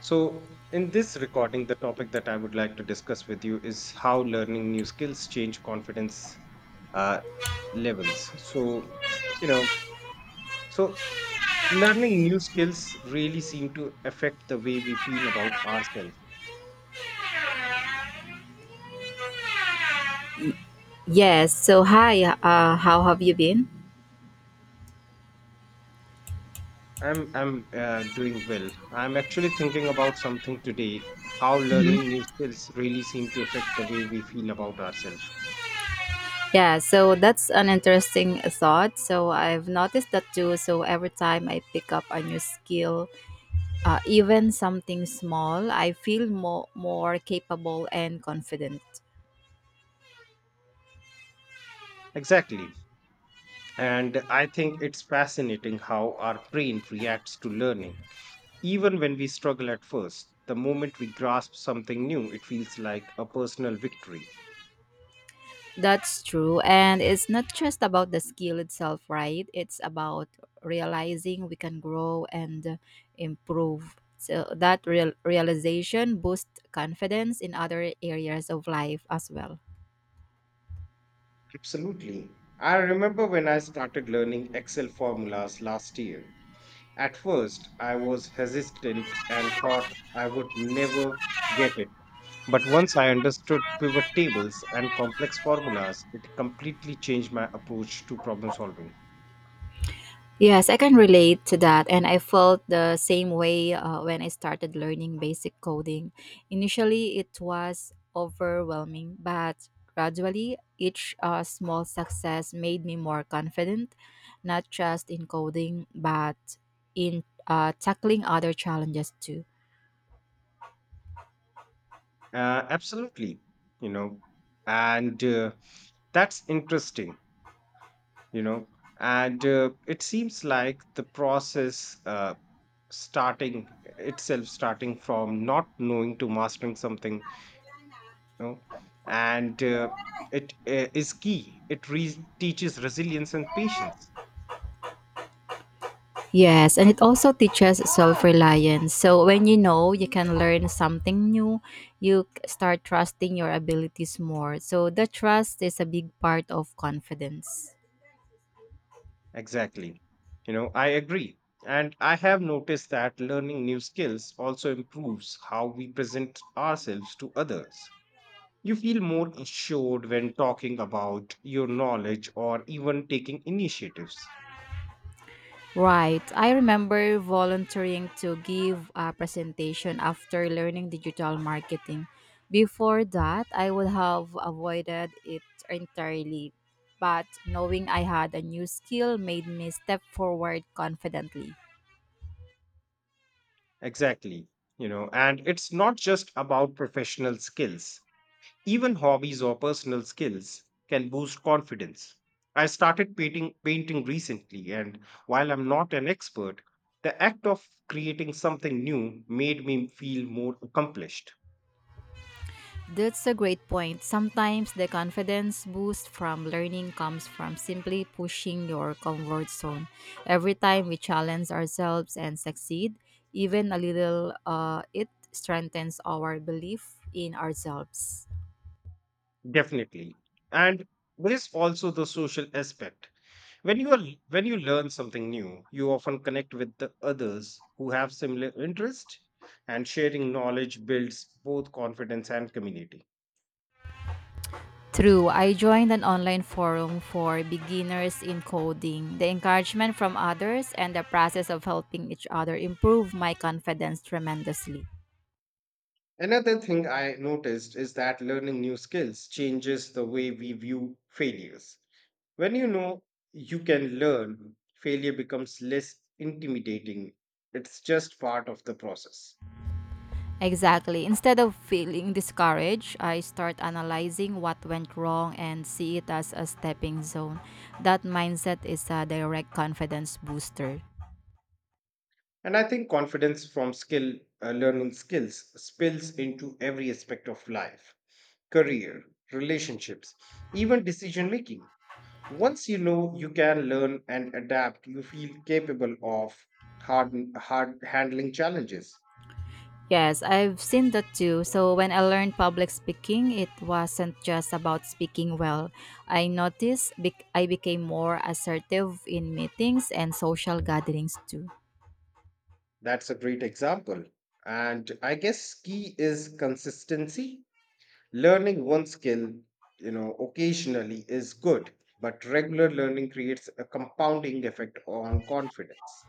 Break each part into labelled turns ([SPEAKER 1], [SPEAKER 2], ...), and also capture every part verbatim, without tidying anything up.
[SPEAKER 1] So, in this recording, the topic that I would like to discuss with you is how learning new skills change confidence uh, levels. So, you know, so learning new skills really seem to affect the way we feel about ourselves.
[SPEAKER 2] Yes. So, hi. Uh, how have you been?
[SPEAKER 1] I'm I'm uh, doing well. I'm actually thinking about something today. How
[SPEAKER 2] Mhm.
[SPEAKER 1] learning new skills really seem to affect the way we feel about ourselves.
[SPEAKER 2] Yeah. So that's an interesting thought. So I've noticed that too. So every time I pick up a new skill, uh, even something small, I feel more more capable and confident.
[SPEAKER 1] Exactly, and I think it's fascinating how our brain reacts to learning. Even when we struggle at first, the moment we grasp something new, it feels like a personal victory.
[SPEAKER 2] That's true. And it's not just about the skill itself, right? It's about realizing we can grow and improve. So that real realization boosts confidence in other areas of life as well.
[SPEAKER 1] Absolutely. I remember when I started learning Excel formulas last year. At first, I was hesitant and thought I would never get it. But once I understood pivot tables and complex formulas, it completely changed my approach to problem solving.
[SPEAKER 2] Yes, I can relate to that, and I felt the same way uh, when I started learning basic coding. Initially, it was overwhelming, but gradually, each uh, small success made me more confident, not just in coding, but in uh, tackling other challenges too.
[SPEAKER 1] Uh, absolutely. You know, and uh, That's interesting you know and uh, it seems like the process uh, starting itself starting from not knowing to mastering something you know and uh, it uh, is key, it re- teaches resilience and patience.
[SPEAKER 2] Yes, and it also teaches self reliance. So when you know you can learn something new, you c- start trusting your abilities more. So the trust is a big part of confidence.
[SPEAKER 1] Exactly. You know, I agree. And I have noticed that learning new skills also improves how we present ourselves to others. You feel more assured when talking about your knowledge or even taking initiatives.
[SPEAKER 2] Right. I remember volunteering to give a presentation after learning digital marketing. Before that, I would have avoided it entirely, but knowing I had a new skill made me step forward confidently.
[SPEAKER 1] Exactly. You know, and it's not just about professional skills, even hobbies or personal skills can boost confidence. I started painting, painting recently, and while I'm not an expert, the act of creating something new made me feel more accomplished.
[SPEAKER 2] That's a great point. Sometimes the confidence boost from learning comes from simply pushing your comfort zone. Every time we challenge ourselves and succeed, even a little, uh, it strengthens our belief in ourselves.
[SPEAKER 1] Definitely. And there is also the social aspect. When you are, when you learn something new, you often connect with the others who have similar interest, and sharing knowledge builds both confidence and community.
[SPEAKER 2] True, I joined an online forum for beginners in coding. The encouragement from others and the process of helping each other improve my confidence tremendously.
[SPEAKER 1] Another thing I noticed is that learning new skills changes the way we view failures. When you know you can learn, failure becomes less intimidating. It's just part of the process.
[SPEAKER 2] Exactly. Instead of feeling discouraged, I start analyzing what went wrong and see it as a stepping zone. That mindset is a direct confidence booster.
[SPEAKER 1] And I think confidence from skill uh, learning skills spills into every aspect of life, career, relationships, even decision making. Once you know you can learn and adapt, you feel capable of hard, hard handling challenges.
[SPEAKER 2] Yes, I've seen that too. So when I learned public speaking, it wasn't just about speaking well. I noticed bec- I became more assertive in meetings and social gatherings too.
[SPEAKER 1] That's a great example. And I guess key is consistency. Learning one skill, you know, occasionally is good, but regular learning creates a compounding effect on confidence.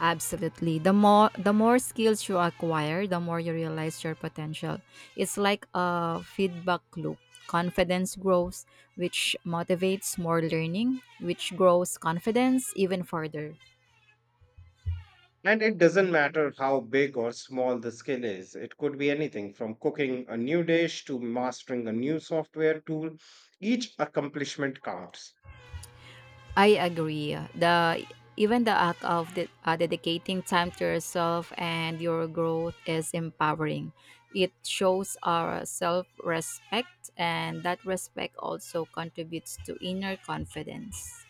[SPEAKER 2] Absolutely. The more the more skills you acquire, the more you realize your potential. It's like a feedback loop. Confidence grows, which motivates more learning, which grows confidence even further.
[SPEAKER 1] And it doesn't matter how big or small the skill is, it could be anything from cooking a new dish to mastering a new software tool. Each accomplishment counts.
[SPEAKER 2] I agree. The Even the act of de- uh, dedicating time to yourself and your growth is empowering. It shows our self-respect, and that respect also contributes to inner confidence.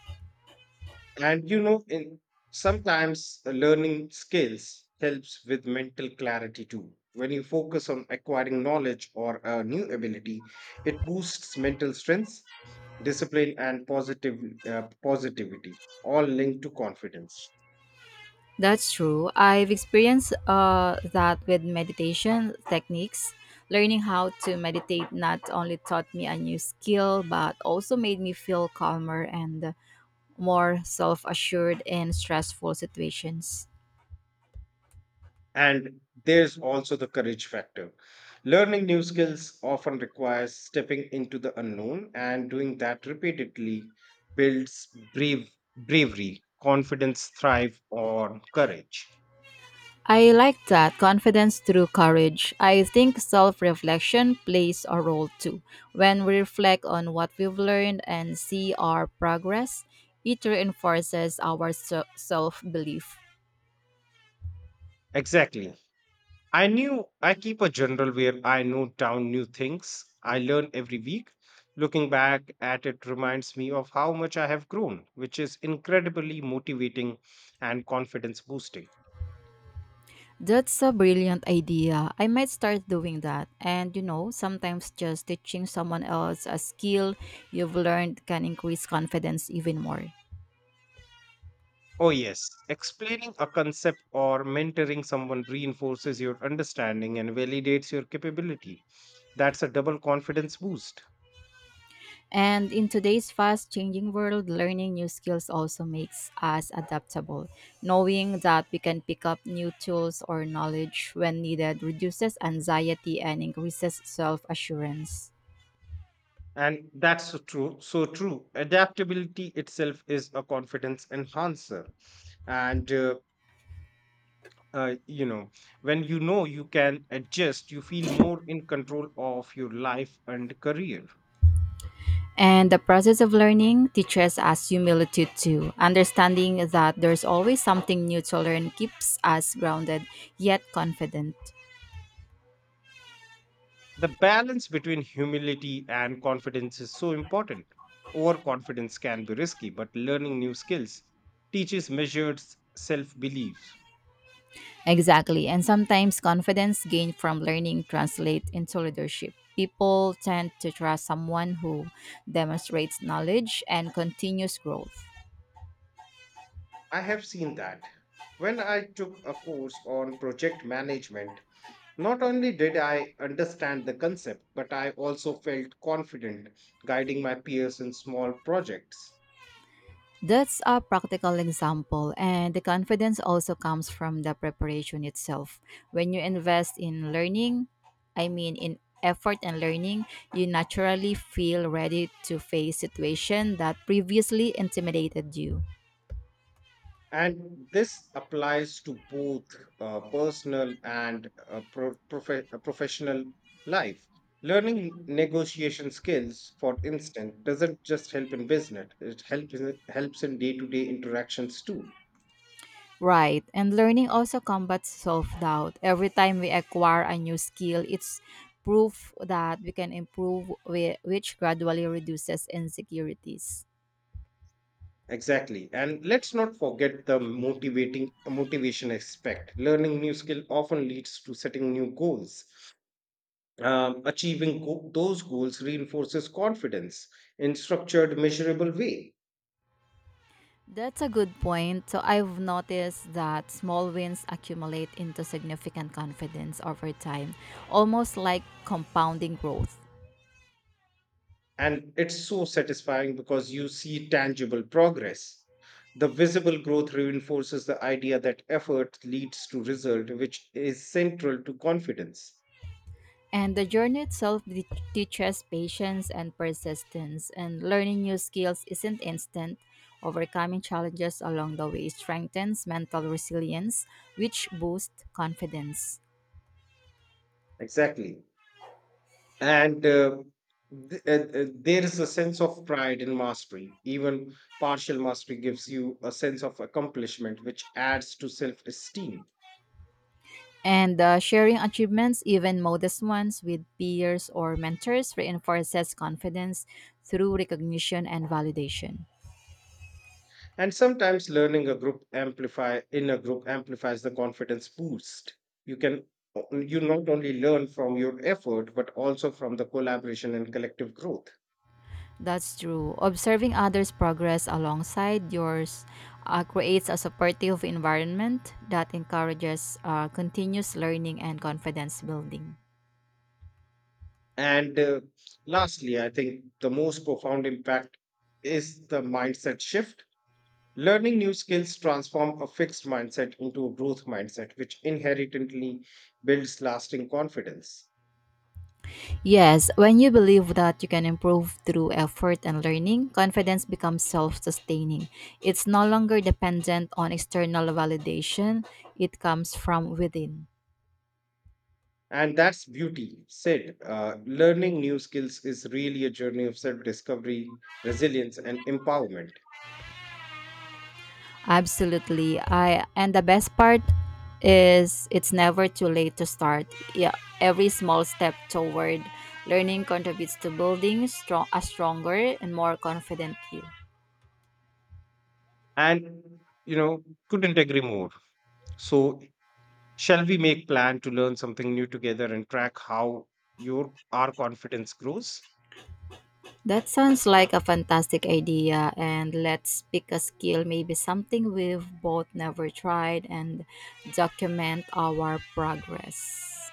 [SPEAKER 1] And you know, in sometimes uh, learning skills helps with mental clarity too. When you focus on acquiring knowledge or a new ability, it boosts mental strength, discipline, and positive uh, positivity, all linked to confidence.
[SPEAKER 2] That's true. I've experienced uh, that with meditation techniques. Learning how to meditate not only taught me a new skill, but also made me feel calmer and more self assured in stressful situations.
[SPEAKER 1] And there's also the courage factor. Learning new skills often requires stepping into the unknown, and doing that repeatedly builds brave, bravery, confidence, thrive, or courage.
[SPEAKER 2] I like that confidence through courage. I think self reflection plays a role too. When we reflect on what we've learned and see our progress, it reinforces our self belief.
[SPEAKER 1] Exactly. I knew I keep a journal where I note down new things I learn every week. Looking back at it reminds me of how much I have grown, which is incredibly motivating and confidence boosting.
[SPEAKER 2] That's a brilliant idea. I might start doing that. And you know, sometimes just teaching someone else a skill you've learned can increase confidence even more.
[SPEAKER 1] Oh, yes, explaining a concept or mentoring someone reinforces your understanding and validates your capability. That's a double confidence boost.
[SPEAKER 2] And in today's fast changing world, learning new skills also makes us adaptable. Knowing that we can pick up new tools or knowledge when needed reduces anxiety and increases self assurance.
[SPEAKER 1] And that's so true. So true. Adaptability itself is a confidence enhancer. And, uh, uh, you know, when you know you can adjust, you feel more in control of your life and career.
[SPEAKER 2] And the process of learning teaches us humility too. Understanding that there's always something new to learn keeps us grounded yet confident.
[SPEAKER 1] The balance between humility and confidence is so important. Overconfidence can be risky, but learning new skills teaches measured self beliefs.
[SPEAKER 2] Exactly. And sometimes confidence gained from learning translates into leadership. People tend to trust someone who demonstrates knowledge and continuous growth.
[SPEAKER 1] I have seen that. When I took a course on project management, not only did I understand the concept, but I also felt confident guiding my peers in small projects.
[SPEAKER 2] That's a practical example, and the confidence also comes from the preparation itself. When you invest in learning, I mean in effort and learning, you naturally feel ready to face situations that previously intimidated you.
[SPEAKER 1] And this applies to both uh, personal and uh, pro- profe- uh, professional life. Learning negotiation skills, for instance, doesn't just help in business, it helps in, helps in day to day interactions too.
[SPEAKER 2] Right, and learning also combats self doubt. Every time we acquire a new skill, it's proof that we can improve, whi- which gradually reduces insecurities.
[SPEAKER 1] Exactly. And let's not forget the motivating motivation aspect. Learning new skill often leads to setting new goals. Um, achieving go- those goals reinforces confidence in structured, measurable way.
[SPEAKER 2] That's a good point. So I've noticed that small wins accumulate into significant confidence over time, almost like compounding growth.
[SPEAKER 1] And it's so satisfying because you see tangible progress. The visible growth reinforces the idea that effort leads to result, which is central to confidence.
[SPEAKER 2] And the journey itself de- teaches patience and persistence, and learning new skills isn't instant. Overcoming challenges along the way strengthens mental resilience, which boosts confidence.
[SPEAKER 1] Exactly. and uh, th- uh, uh, there is a sense of pride in mastery. Even partial mastery gives you a sense of accomplishment, which adds to self-esteem.
[SPEAKER 2] And uh, sharing achievements, even modest ones, with peers or mentors reinforces confidence through recognition and validation.
[SPEAKER 1] And sometimes learning a group amplify in a group amplifies the confidence boost. you can you not only learn from your effort but also from the collaboration and collective growth.
[SPEAKER 2] That's true. Observing others' progress alongside yours uh, creates a supportive environment that encourages uh, continuous learning and confidence building.
[SPEAKER 1] And uh, lastly, I think the most profound impact is the mindset shift. Learning new skills transform a fixed mindset into a growth mindset, which inherently builds lasting confidence.
[SPEAKER 2] Yes, when you believe that you can improve through effort and learning, confidence becomes self sustaining. It's no longer dependent on external validation, it comes from within.
[SPEAKER 1] And that's beauty. Sid, uh, learning new skills is really a journey of self discovery, resilience, and empowerment.
[SPEAKER 2] Absolutely. I and the best part is it's never too late to start. Yeah, every small step toward learning contributes to building strong, a stronger and more confident you.
[SPEAKER 1] And, you know, couldn't agree more. So, shall we make plan to learn something new together and track how your our confidence grows?
[SPEAKER 2] That sounds like a fantastic idea. And let's pick a skill, maybe something we've both never tried, and document our progress.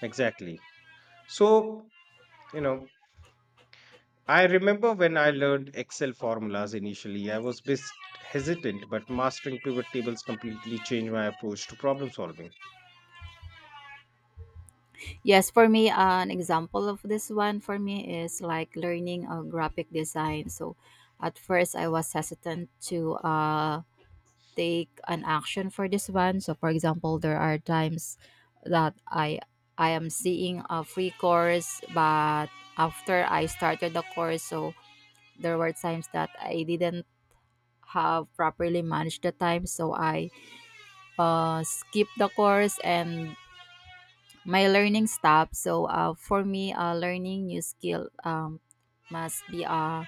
[SPEAKER 1] Exactly. So, you know, I remember when I learned Excel formulas initially, I was a bit hesitant, but mastering pivot tables completely changed my approach to problem solving.
[SPEAKER 2] Yes, for me, an example of this one for me is like learning a graphic design. So at first, I was hesitant to uh, take an action for this one. So, for example, there are times that I I am seeing a free course, but after I started the course, so there were times that I didn't have properly managed the time, so I uh, skipped the course and my learning stopped. So uh, for me, uh, learning new skill um, must be uh,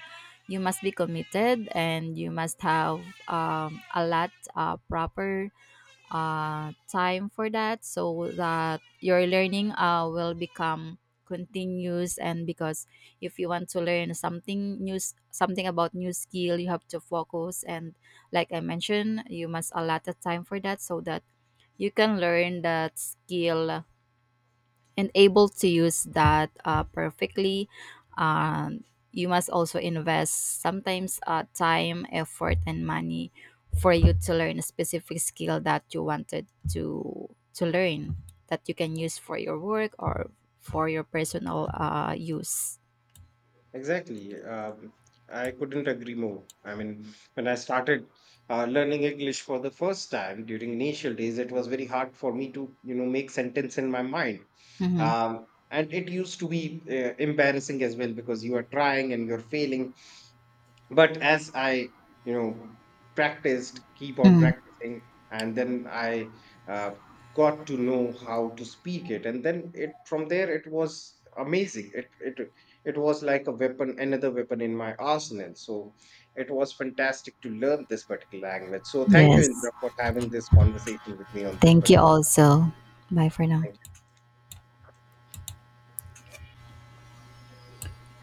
[SPEAKER 2] you must be committed and you must have um, a lot uh, proper uh, time for that so that your learning uh, will become continuous and because if you want to learn something new something about new skill you have to focus and like I mentioned you must allot the time for that so that you can learn that skill and able to use that uh, perfectly. Um, you must also invest sometimes uh, time, effort, and money for you to learn a specific skill that you wanted to to learn that you can use for your work or for your personal uh, use.
[SPEAKER 1] Exactly. Uh, I couldn't agree more. I mean, when I started uh, learning English for the first time during initial days, it was very hard for me to, you know, make sentence in my mind.
[SPEAKER 2] Mhm.
[SPEAKER 1] Um, and it used to be uh, embarrassing as well because you are trying and you're failing, but as i you know practiced, keep on
[SPEAKER 2] Mm.
[SPEAKER 1] practicing, and then i uh, got to know how to speak it. And then it from there it was amazing. It it it was like a weapon, another weapon in my arsenal. So it was fantastic to learn this particular language. So thank you, Indra,
[SPEAKER 2] Yes.
[SPEAKER 1] for having this conversation with me on this
[SPEAKER 2] Thank you
[SPEAKER 1] particular.
[SPEAKER 2] also. Bye for now.